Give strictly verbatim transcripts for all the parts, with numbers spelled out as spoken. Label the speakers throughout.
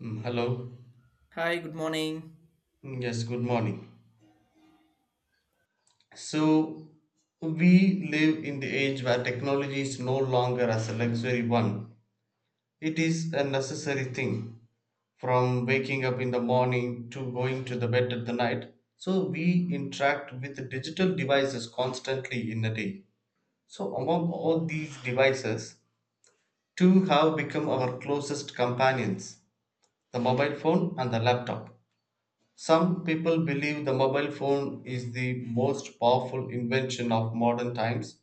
Speaker 1: Mm, Hello.
Speaker 2: Hi, good morning.
Speaker 1: Mm, Yes, good morning. So, we live in the age where technology is no longer as a luxury one. It is a necessary thing from waking up in the morning to going to the bed at the night. So, we interact with digital devices constantly in a day. So, among all these devices, two have become our closest companions, the mobile phone and the laptop. Some people believe the mobile phone is the most powerful invention of modern times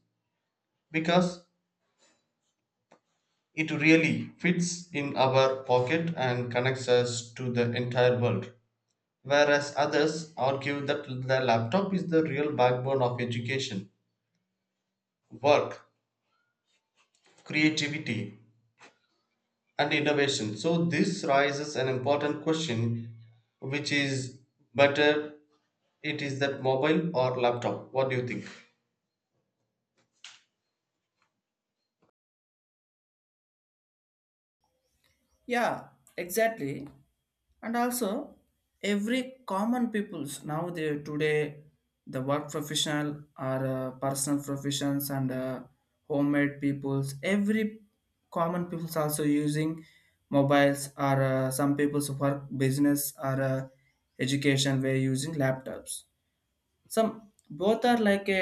Speaker 1: because it really fits in our pocket and connects us to the entire world. Whereas others argue that the laptop is the real backbone of education, work, creativity, and innovation. So, this raises an important question, which is better, it is that mobile or laptop? What do you think?
Speaker 2: Yeah, exactly. And also, every common people's now they today the work professional or uh, personal professions and uh, homemade peoples. Every common people's also using mobiles, or uh, some people's work business or uh, education were using laptops. Some both are like a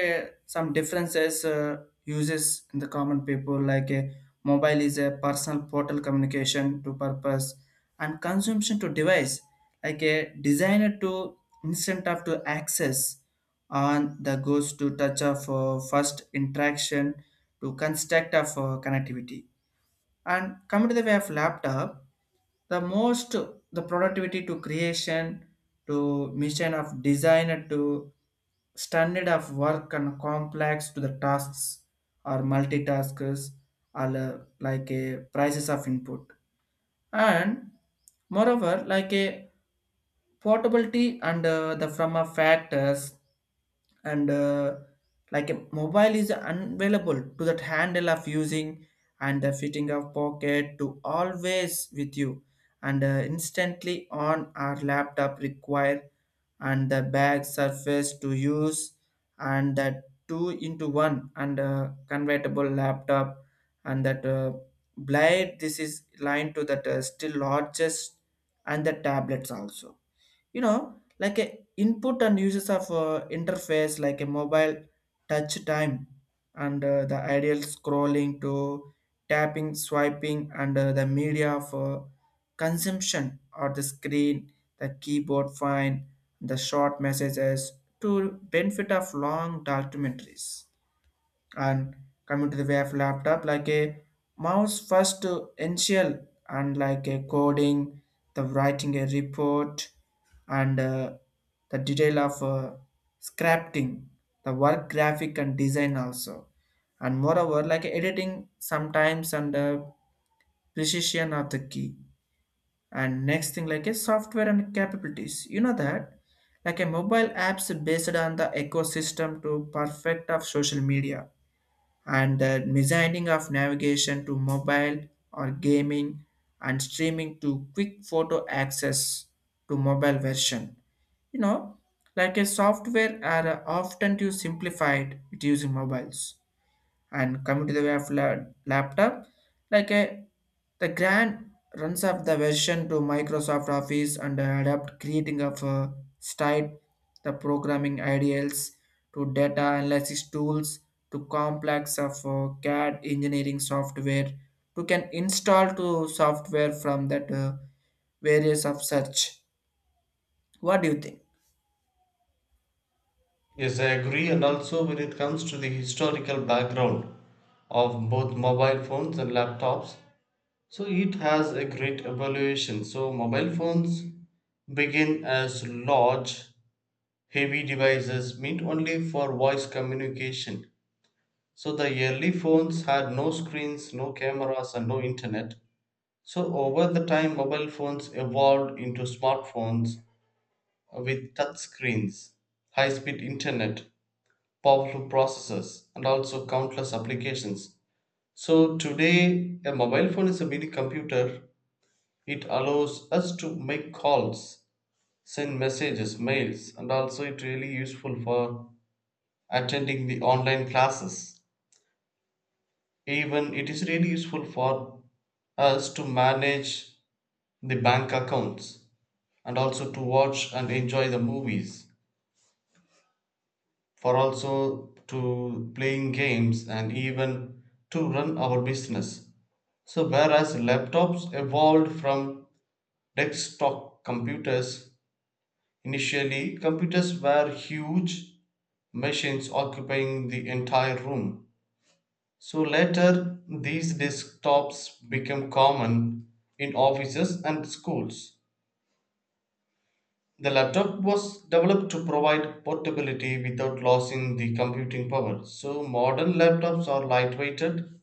Speaker 2: some differences uh, uses in the common people, like a mobile is a personal portal communication to purpose and consumption to device, like a designer to instant of to access on the goes to touch of uh, first interaction to construct of uh, connectivity. And coming to the way of laptop, the most, the productivity to creation to mission of design to standard of work and complex to the tasks or multitaskers, or uh, like a prices of input. And moreover like a portability and uh, the from a factors, and uh, like a mobile is unavailable to that handle of using and the fitting of pocket to always with you, and uh, instantly on our laptop require and the bag surface to use, and that two into one and uh, convertible laptop. And that uh, Blade, this is line to that uh, still largest and the tablets also. You know, like a input and uses of uh, interface, like a mobile touch time and uh, the ideal scrolling to tapping, swiping, and uh, the media for consumption or the screen, the keyboard fine, the short messages to benefit of long documentaries. And coming to the way of laptop, like a mouse first to initial, and like a coding, the writing a report, and uh, the detail of uh, scripting, the work graphic and design also. And moreover like editing sometimes, and uh, precision of the key. And next thing like a software and capabilities, you know that like a mobile apps based on the ecosystem to perfect of social media, and the designing of navigation to mobile or gaming and streaming to quick photo access to mobile version. You know, like a software are often to simplified it using mobiles. And coming to the way of la- laptop, like a the grand runs of the version to Microsoft Office and adapt creating of a type, the programming ideals to data analysis tools to complex of uh, CAD engineering software to can install to software from that uh, various of search. What do you think?
Speaker 1: Yes, I agree. And also, when it comes to the historical background of both mobile phones and laptops, so it has a great evolution. So, mobile phones begin as large, heavy devices meant only for voice communication. So, the early phones had no screens, no cameras, and no internet. So, over the time, mobile phones evolved into smartphones with touch screens, high speed internet, powerful processors and also countless applications. So today, a mobile phone is a mini computer. It allows us to make calls, send messages, mails, and also it really useful for attending the online classes. Even it is really useful for us to manage the bank accounts and also to watch and enjoy the movies for also to playing games and even to run our business. So, whereas laptops evolved from desktop computers, initially computers were huge machines occupying the entire room. So, later these desktops became common in offices and schools. The laptop was developed to provide portability without losing the computing power. So, modern laptops are lightweighted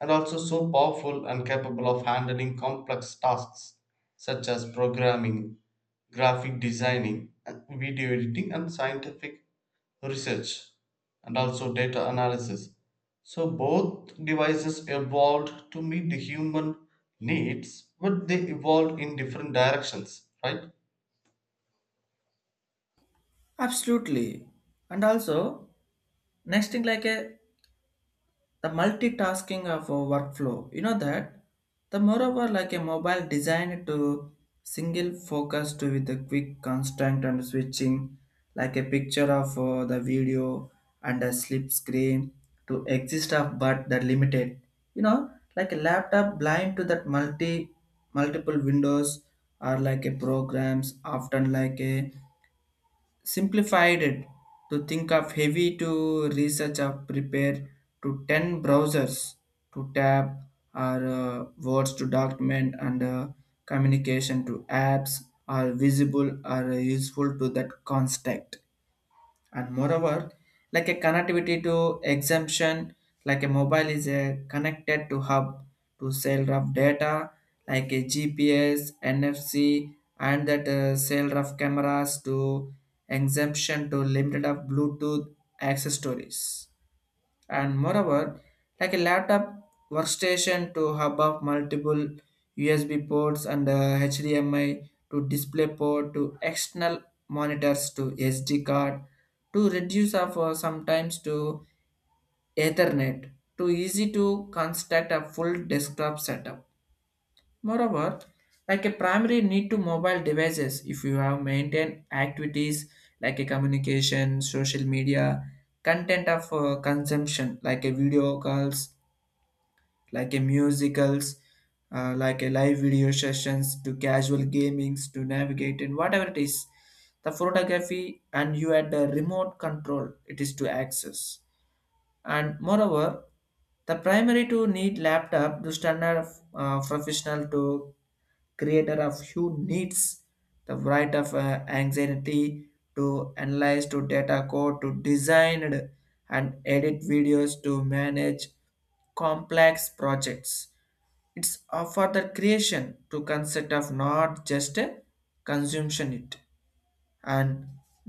Speaker 1: and also so powerful and capable of handling complex tasks such as programming, graphic designing, and video editing, and scientific research, and also data analysis. So, both devices evolved to meet the human needs, but they evolved in different directions, right?
Speaker 2: Absolutely. And also, next thing like a the multitasking of a workflow, you know that the moreover like a mobile designed to single focus to with a quick constant and switching, like a picture of uh, the video and a slip screen to exist of but the limited, you know. Like a laptop blind to that multi multiple windows, or like a programs often like a simplified it to think of heavy to research of prepare to ten browsers to tab, or uh, words to document and uh, communication to apps are visible or uh, useful to that context. And moreover like a connectivity to exemption, like a mobile is a connected to hub to sale of data like a GPS, NFC, and that uh, sale of cameras to exemption to limited of Bluetooth access stories. And moreover, like a laptop workstation to hub of multiple U S B ports and uh, H D M I to display port to external monitors to S D card to reduce of uh, sometimes to Ethernet to easy to construct a full desktop setup. Moreover, like a primary need to mobile devices if you have maintained activities, like a communication, social media, content of uh, consumption, like a video calls, like a musicals, uh, like a live video sessions to casual gamings to navigate and whatever it is, the photography, and you had the remote control it is to access. And moreover, the primary to need laptop to standard uh, professional to creator of who needs the right of uh, anxiety to analyze to data code to design and and edit videos to manage complex projects. It's offer the creation to concept of not just a consumption it. And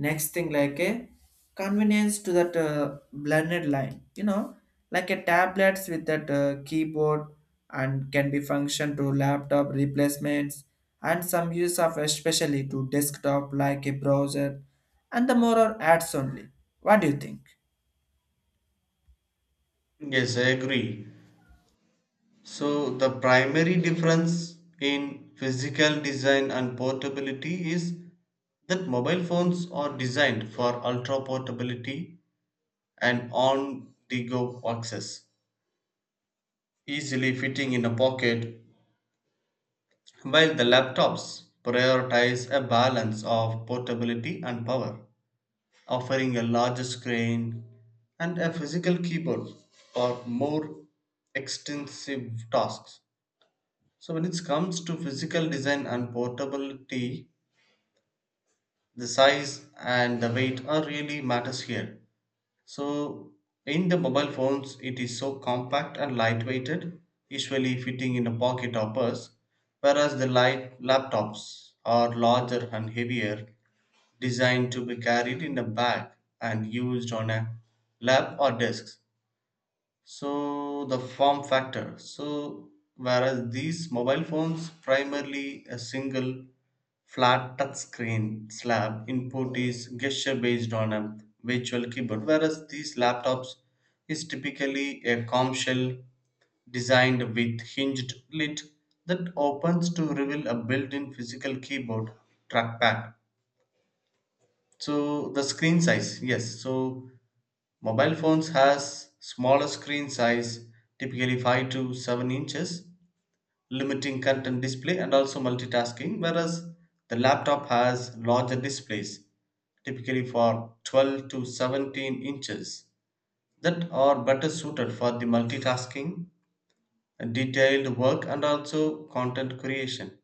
Speaker 2: next thing like a convenience to that uh, blended line, you know, like a tablets with that uh, keyboard and can be function to laptop replacements, and some use of especially to desktop like a browser, and the more are ads only. What do you think?
Speaker 1: Yes, I agree. So, the primary difference in physical design and portability is that mobile phones are designed for ultra portability and on the go access, easily fitting in a pocket, while the laptops prioritize a balance of portability and power, offering a larger screen and a physical keyboard for more extensive tasks. So, when it comes to physical design and portability, the size and the weight are really matters here. So in the mobile phones, it is so compact and lightweighted, usually fitting in a pocket or purse, whereas the light laptops are larger and heavier, designed to be carried in a bag and used on a lap or desks. So the form factor, so whereas these mobile phones primarily a single flat touch screen slab input is gesture based on a virtual keyboard, whereas these laptops is typically a comb shell designed with hinged lid that opens to reveal a built-in physical keyboard, trackpad. So the screen size, yes, so mobile phones has smaller screen size, typically five to seven inches, limiting content display and also multitasking, whereas the laptop has larger displays, typically for twelve to seventeen inches, that are better suited for the multitasking, detailed work and also content creation.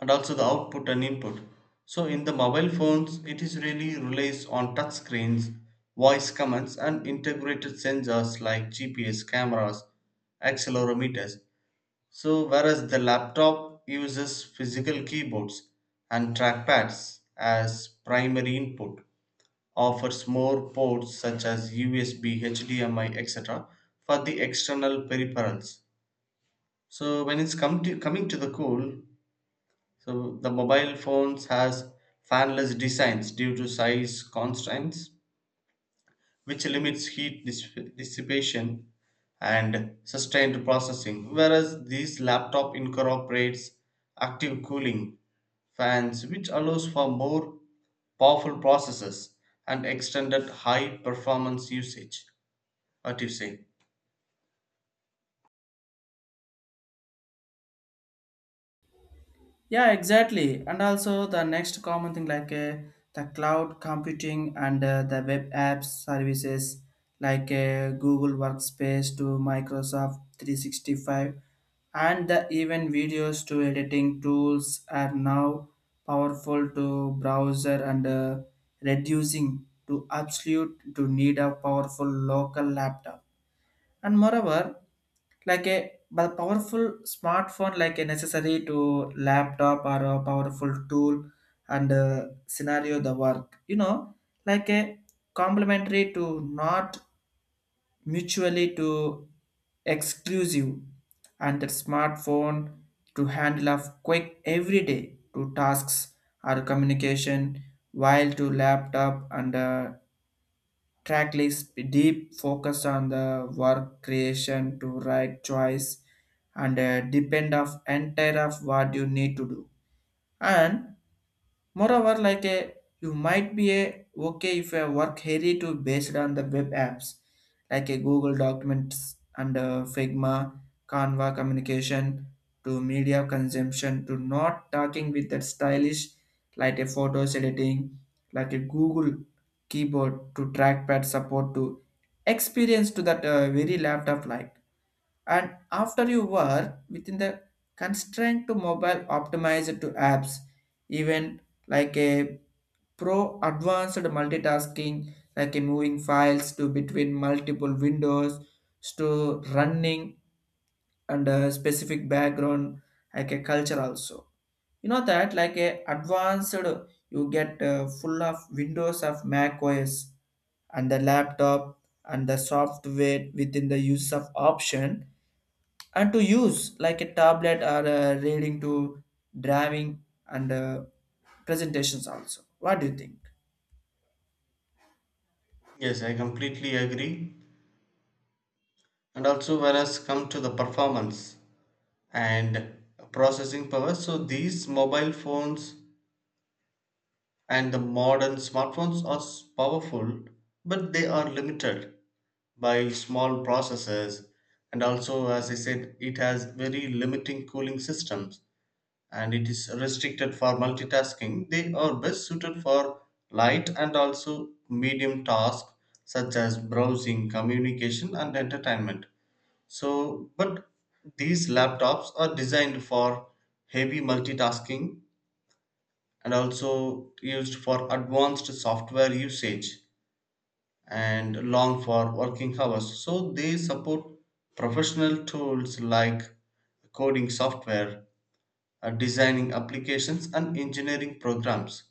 Speaker 1: And also the output and input. So in the mobile phones, it is really relies on touch screens, voice commands, and integrated sensors like G P S cameras, accelerometers. So whereas the laptop uses physical keyboards and trackpads as primary input, offers more ports such as U S B, H D M I, et cetera for the external peripherals. So when it's come to coming to the cool, so the mobile phones has fanless designs due to size constraints, which limits heat dissip- dissipation and sustained processing. Whereas this laptop incorporates active cooling fans, which allows for more powerful processes and extended high performance usage. What do you say?
Speaker 2: Yeah, exactly. And also the next common thing, like uh, the cloud computing and uh, the web apps services like uh, Google Workspace to Microsoft three sixty-five, and the even videos to editing tools are now powerful to browser and uh, reducing to absolute to need a powerful local laptop. And moreover like a but powerful smartphone, like a necessary to laptop or a powerful tool, and uh, scenario the work, you know, like a complementary to not mutually to exclusive. And the smartphone to handle of quick every day to tasks or communication, while to laptop and uh, track list deep focused on the work creation to right choice, and uh, depend of entire of what you need to do. And moreover, like a you might be a okay if a work heavy to based on the web apps, like a Google Documents and uh, Figma, Canva communication to media consumption to not talking with that stylish, like a photos editing, like a Google keyboard to trackpad support to experience to that uh, very laptop like. And after you work within the constraint to mobile optimized to apps, even like a pro advanced multitasking like a moving files to between multiple windows to running and a specific background, like a culture also, you know that like a advanced you get uh, full of windows of Mac OS, and the laptop and the software within the use of option, and to use like a tablet or uh, reading to driving and uh, presentations also. What do you think?
Speaker 1: Yes, I completely agree. And also, whereas come to the performance, and processing power. So these mobile phones and the modern smartphones are s- powerful, but they are limited by small processors. And also, as I said, it has very limiting cooling systems and it is restricted for multitasking. They are best suited for light and also medium tasks such as browsing, communication, and entertainment. So, but these laptops are designed for heavy multitasking and also used for advanced software usage and long for working hours. So, they support professional tools like coding software, uh, designing applications, and engineering programs.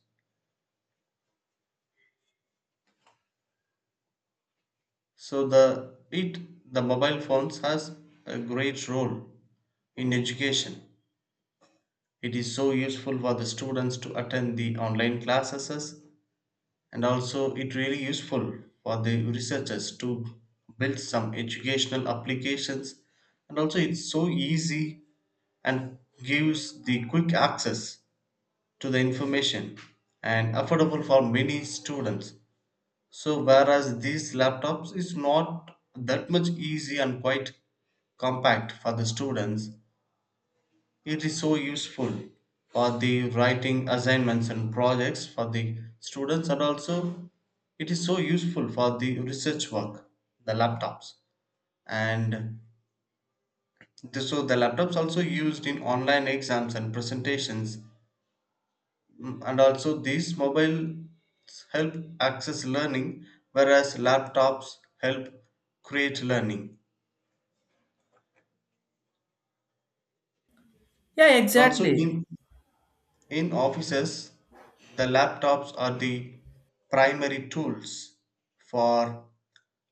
Speaker 1: So, the it the mobile phones has a great role in education. It is so useful for the students to attend the online classes and also it really useful for the researchers to build some educational applications and also it's so easy and gives the quick access to the information and affordable for many students. So whereas these laptops is not that much easy and quite compact for the students, it is so useful for the writing assignments and projects for the students and also it is so useful for the research work, the laptops. And the- so the laptops also used in online exams and presentations. Mm, and also these mobile help access learning whereas laptops help create learning.
Speaker 2: Yeah,
Speaker 1: And also
Speaker 2: exactly.
Speaker 1: in In offices, the laptops are the primary tools for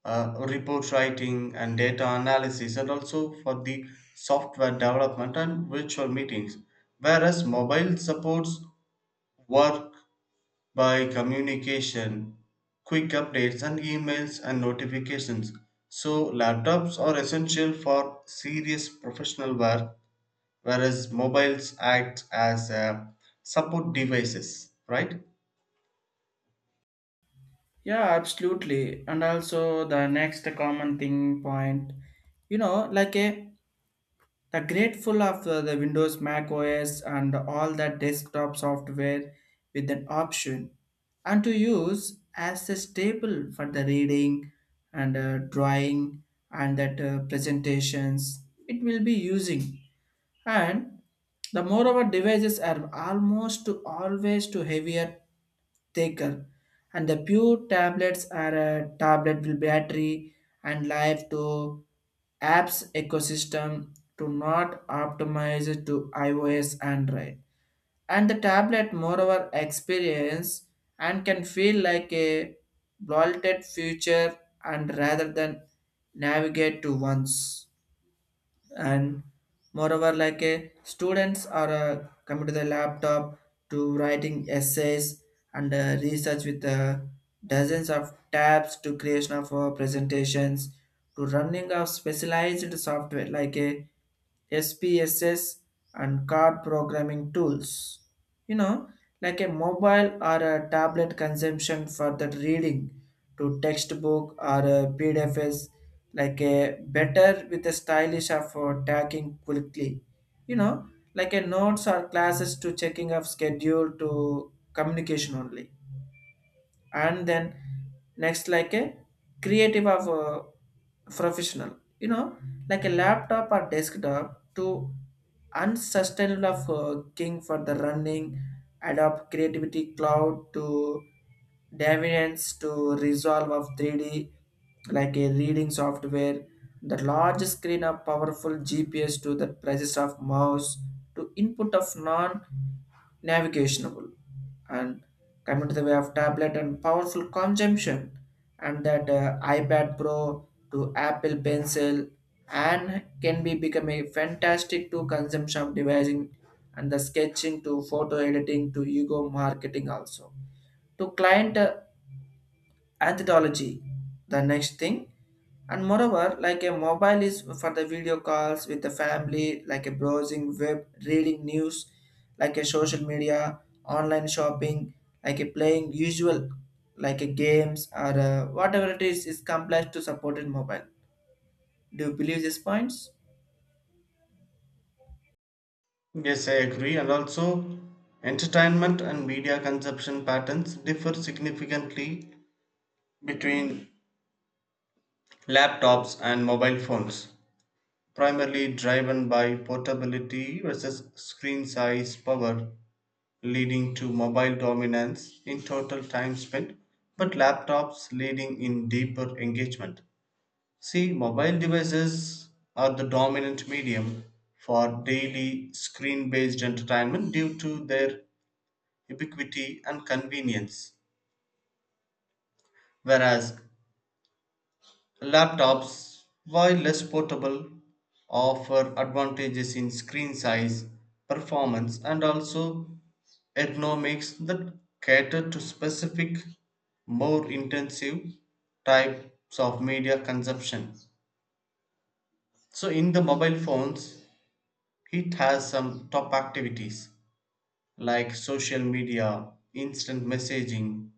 Speaker 1: uh, report writing and data analysis, and also for the software development and virtual meetings. Whereas mobile supports work by communication, quick updates, and emails and notifications. So, laptops are essential for serious professional work whereas mobiles act as uh, support devices, right?
Speaker 2: Yeah, absolutely. And also the next common thing point, you know, like a the grateful of uh, the Windows, Mac O S, and all that desktop software with an option, and to use as a staple for the reading and uh, drawing and that uh, presentations it will be using. And the moreover devices are almost to always to heavier, thicker, and the pure tablets are a tablet with battery and life to apps ecosystem to not optimize it to iOS Android. And the tablet moreover experience and can feel like a bloated future, and rather than navigate to once. And moreover, like a students are uh, coming to the laptop to writing essays and uh, research with uh, dozens of tabs to creation of uh, presentations to running of specialized software like a S P S S and card programming tools. You know, like a mobile or a tablet consumption for the reading to textbook or a P D Fs, like a better with a stylish of for tagging quickly. You know, like a notes or classes to checking of schedule to communication only. And then next like a creative of a professional, you know, like a laptop or desktop to unsustainable of uh, king for the running adopt creativity cloud to deviance to resolve of three D, like a reading software, the large screen of powerful GPS to the presence of mouse to input of non navigationable. And coming to the way of tablet and powerful consumption, and that uh, iPad Pro to Apple Pencil, and can be become a fantastic to consumption of devising and the sketching to photo editing to ego marketing also, to client uh, anthology the next thing. And moreover like a mobile is for the video calls with the family, like a browsing web, reading news, like a social media, online shopping, like a playing usual like a games, or uh, whatever it is is complex to supported mobile. Do you believe these points?
Speaker 1: Yes, I agree. And also entertainment and media consumption patterns differ significantly between laptops and mobile phones, primarily driven by portability versus screen size power, leading to mobile dominance in total time spent but laptops leading in deeper engagement. See, mobile devices are the dominant medium for daily screen based entertainment due to their ubiquity and convenience, whereas laptops, while less portable, offer advantages in screen size, performance, and also ergonomics that cater to specific, more intensive types of media consumption. So, in the mobile phones, it has some top activities like social media, instant messaging,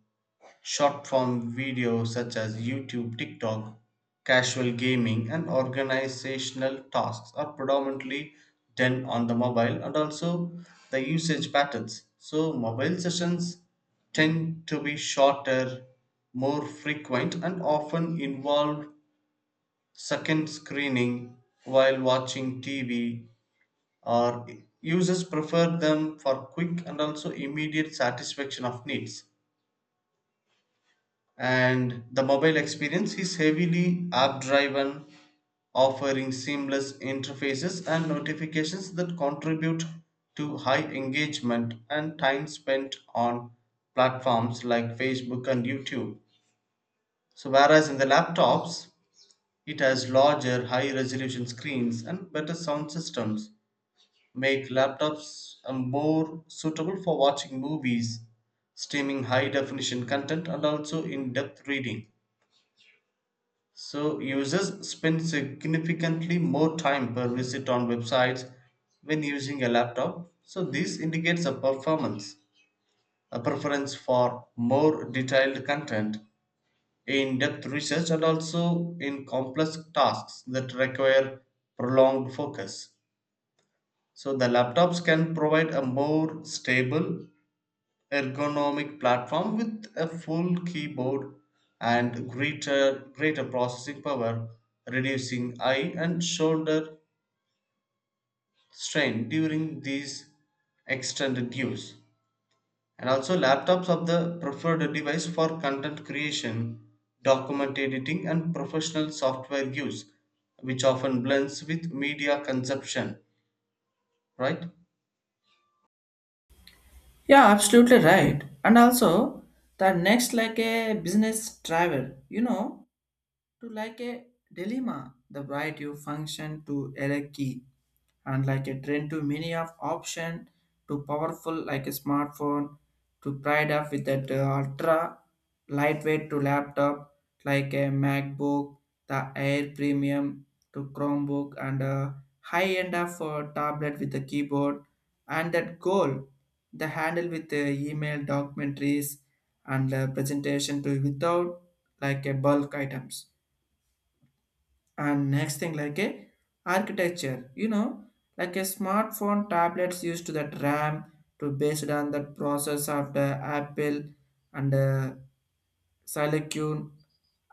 Speaker 1: short form video such as YouTube, TikTok, casual gaming, and organizational tasks are predominantly done on the mobile. And also the usage patterns. So, mobile sessions tend to be shorter, more frequent, and often involve second screening while watching T V, or users prefer them for quick and also immediate satisfaction of needs, and the mobile experience is heavily app driven, offering seamless interfaces and notifications that contribute to high engagement and time spent on platforms like Facebook and YouTube. So, whereas in the laptops, it has larger, high resolution screens and better sound systems, make laptops uh, more suitable for watching movies, streaming high definition content, and also in depth reading. So, users spend significantly more time per visit on websites when using a laptop. So, this indicates a performance, a preference for more detailed content, in depth research, and also in complex tasks that require prolonged focus. So, the laptops can provide a more stable ergonomic platform with a full keyboard and greater greater processing power, reducing eye and shoulder strain during these extended use. And also laptops are the preferred device for content creation, document editing and professional software use, which often blends with media consumption, right?
Speaker 2: Yeah, absolutely right. And also, the next like a business travel, you know, to like a dilemma, the right you function to error key. And like a trend to many of option to powerful, like a smartphone to pride up with that uh, ultra lightweight to laptop, like a MacBook the Air premium to Chromebook, and a high end of uh, tablet with a keyboard and that goal, the handle with the email documentaries and uh, presentation to without like a bulk items. And next thing like a architecture, you know, like a smartphone tablets used to that RAM to based on the process of the Apple and uh, Silicon,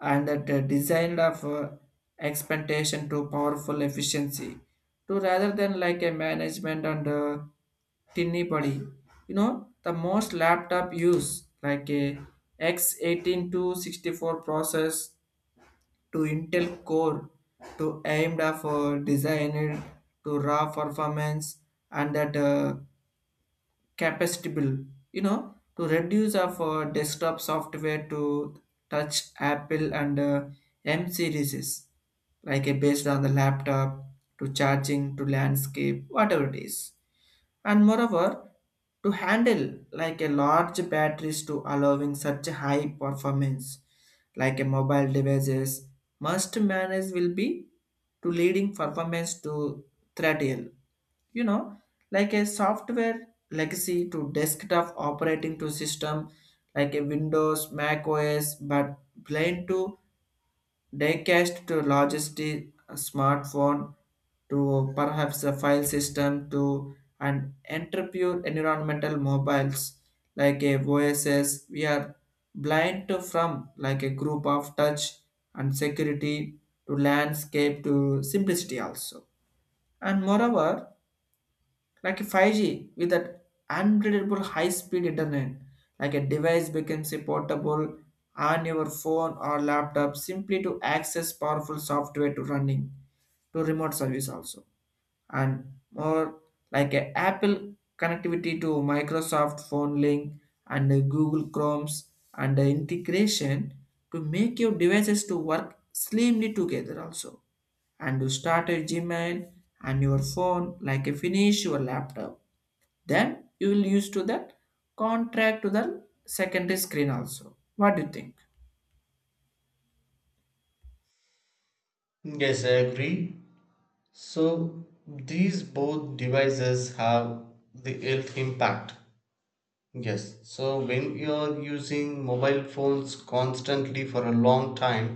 Speaker 2: and that uh, designed of uh, expectation to powerful efficiency to rather than like a management and uh, tinny body. You know, the most laptop use like a X eighteen to sixty-four process to Intel Core to aimed at for designed to raw performance, and that uh, capacitable, you know, to reduce of uh, desktop software to touch Apple and uh, M series, like a based on the laptop to charging to landscape, whatever it is. And moreover to handle like a large batteries to allowing such a high performance, like a mobile devices must manage will be to leading performance to throttle, you know, like a software legacy to desktop operating to system, like a Windows, Mac OS, but blind to Diecast to logistic smartphone to perhaps a file system to an entrepreneur environmental mobiles, like a O S S we are blind to from like a group of touch and security to landscape to simplicity also. And moreover like five G with that unpredictable high-speed internet, like a device becomes a portable on your phone or laptop simply to access powerful software to running to remote service also. And more, like a Apple connectivity to Microsoft Phone Link and the Google Chrome's and the integration to make your devices to work slimly together also. And you start your Gmail and your phone like a finish your laptop. Then you will use to that contract to the secondary screen also. What do you think?
Speaker 1: Yes, I agree. So these both devices have the health impact. Yes. So when you're using mobile phones constantly for a long time,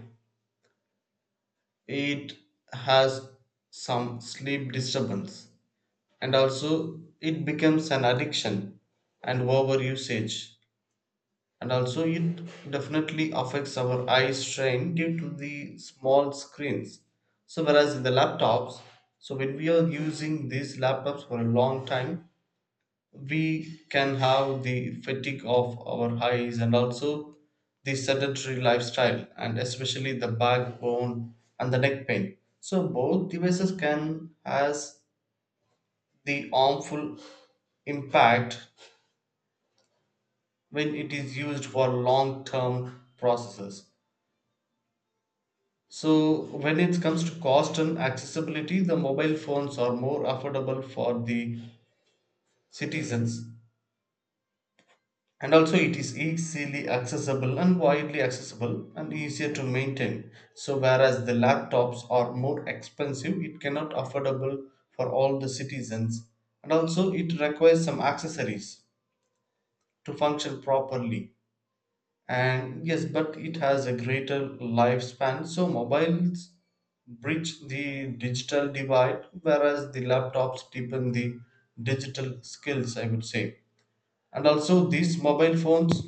Speaker 1: it has some sleep disturbance and also it becomes an addiction and over usage, and also it definitely affects our eye strain due to the small screens. So whereas in the laptops, so when we are using these laptops for a long time, we can have the fatigue of our eyes and also the sedentary lifestyle and especially the backbone and the neck pain. So both devices can has the harmful impact when it is used for long term processes. So when it comes to cost and accessibility, the mobile phones are more affordable for the citizens. And also it is easily accessible and widely accessible and easier to maintain. So whereas the laptops are more expensive, it cannot affordable for all the citizens. And also it requires some accessories to function properly. And yes, but it has a greater lifespan. So mobiles bridge the digital divide whereas the laptops deepen the digital skills, I would say. And also these mobile phones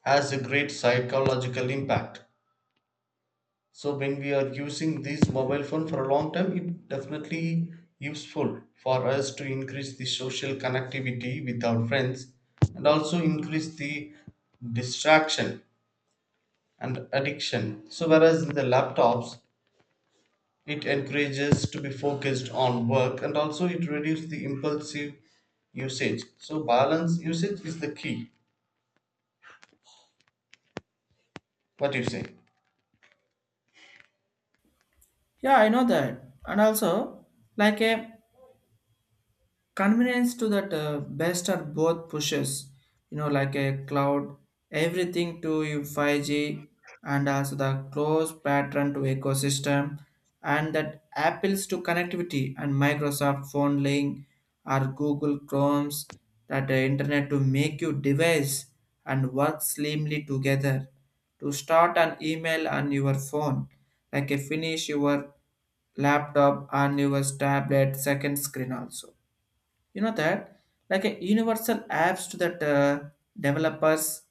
Speaker 1: has a great psychological impact. So when we are using this mobile phone for a long time, it definitely useful for us to increase the social connectivity with our friends and also increase the distraction and addiction. So whereas in the laptops, it encourages to be focused on work and also it reduces the impulsive usage. So balance usage is the key. What do you say?
Speaker 2: Yeah, I know that. And also, like a convenience to that uh, best are both pushes, you know, like a cloud everything to you five G, and also the close pattern to ecosystem, and that apples to connectivity and Microsoft Phone Link or Google Chrome's, that uh, internet to make your device and work slimly together, to start an email on your phone like a finish your laptop on your tablet second screen also, you know that like a universal apps to that uh, developers,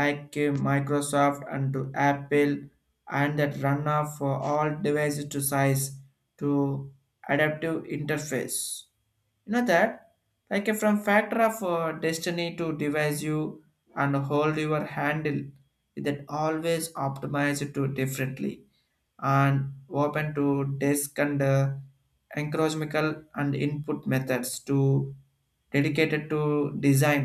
Speaker 2: like uh, Microsoft and to Apple, and that run off for all devices to size to adaptive interface, you know that like uh, from factor of uh, destiny to device you and hold your handle with that always optimized to differently and open to desk, and uh, encouragement and input methods to dedicated to design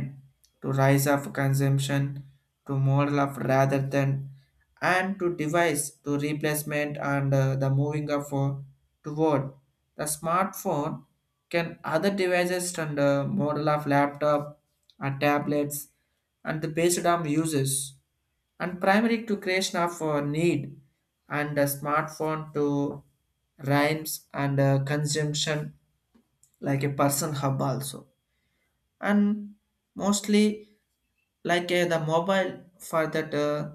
Speaker 2: to rise of consumption to model of rather than and to device to replacement, and uh, the moving of uh, toward the smartphone can other devices and uh, model of laptop and tablets and the based on uses and primary to creation of uh, need, and a smartphone to rhymes and uh, consumption like a person hub also. And mostly like uh, the mobile for that uh,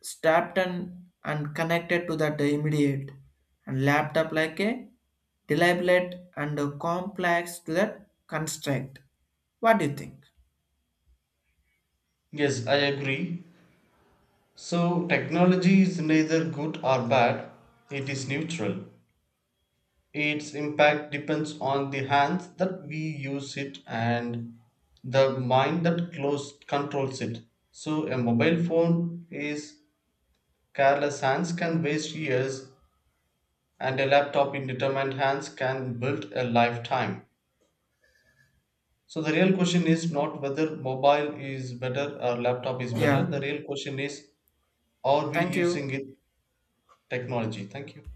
Speaker 2: strapped and, and connected to that immediate, and laptop like a deliberate and uh, complex to that construct. What do you think?
Speaker 1: Yes, I agree. So technology is neither good or bad. It is neutral. Its impact depends on the hands that we use it and the mind that close controls it. So a mobile phone is careless hands can waste years and a laptop in determined hands can build a lifetime. So the real question is not whether mobile is better or laptop is better.
Speaker 2: Yeah,
Speaker 1: The real question is, are we
Speaker 2: thank
Speaker 1: using
Speaker 2: you.
Speaker 1: it technology? Thank you.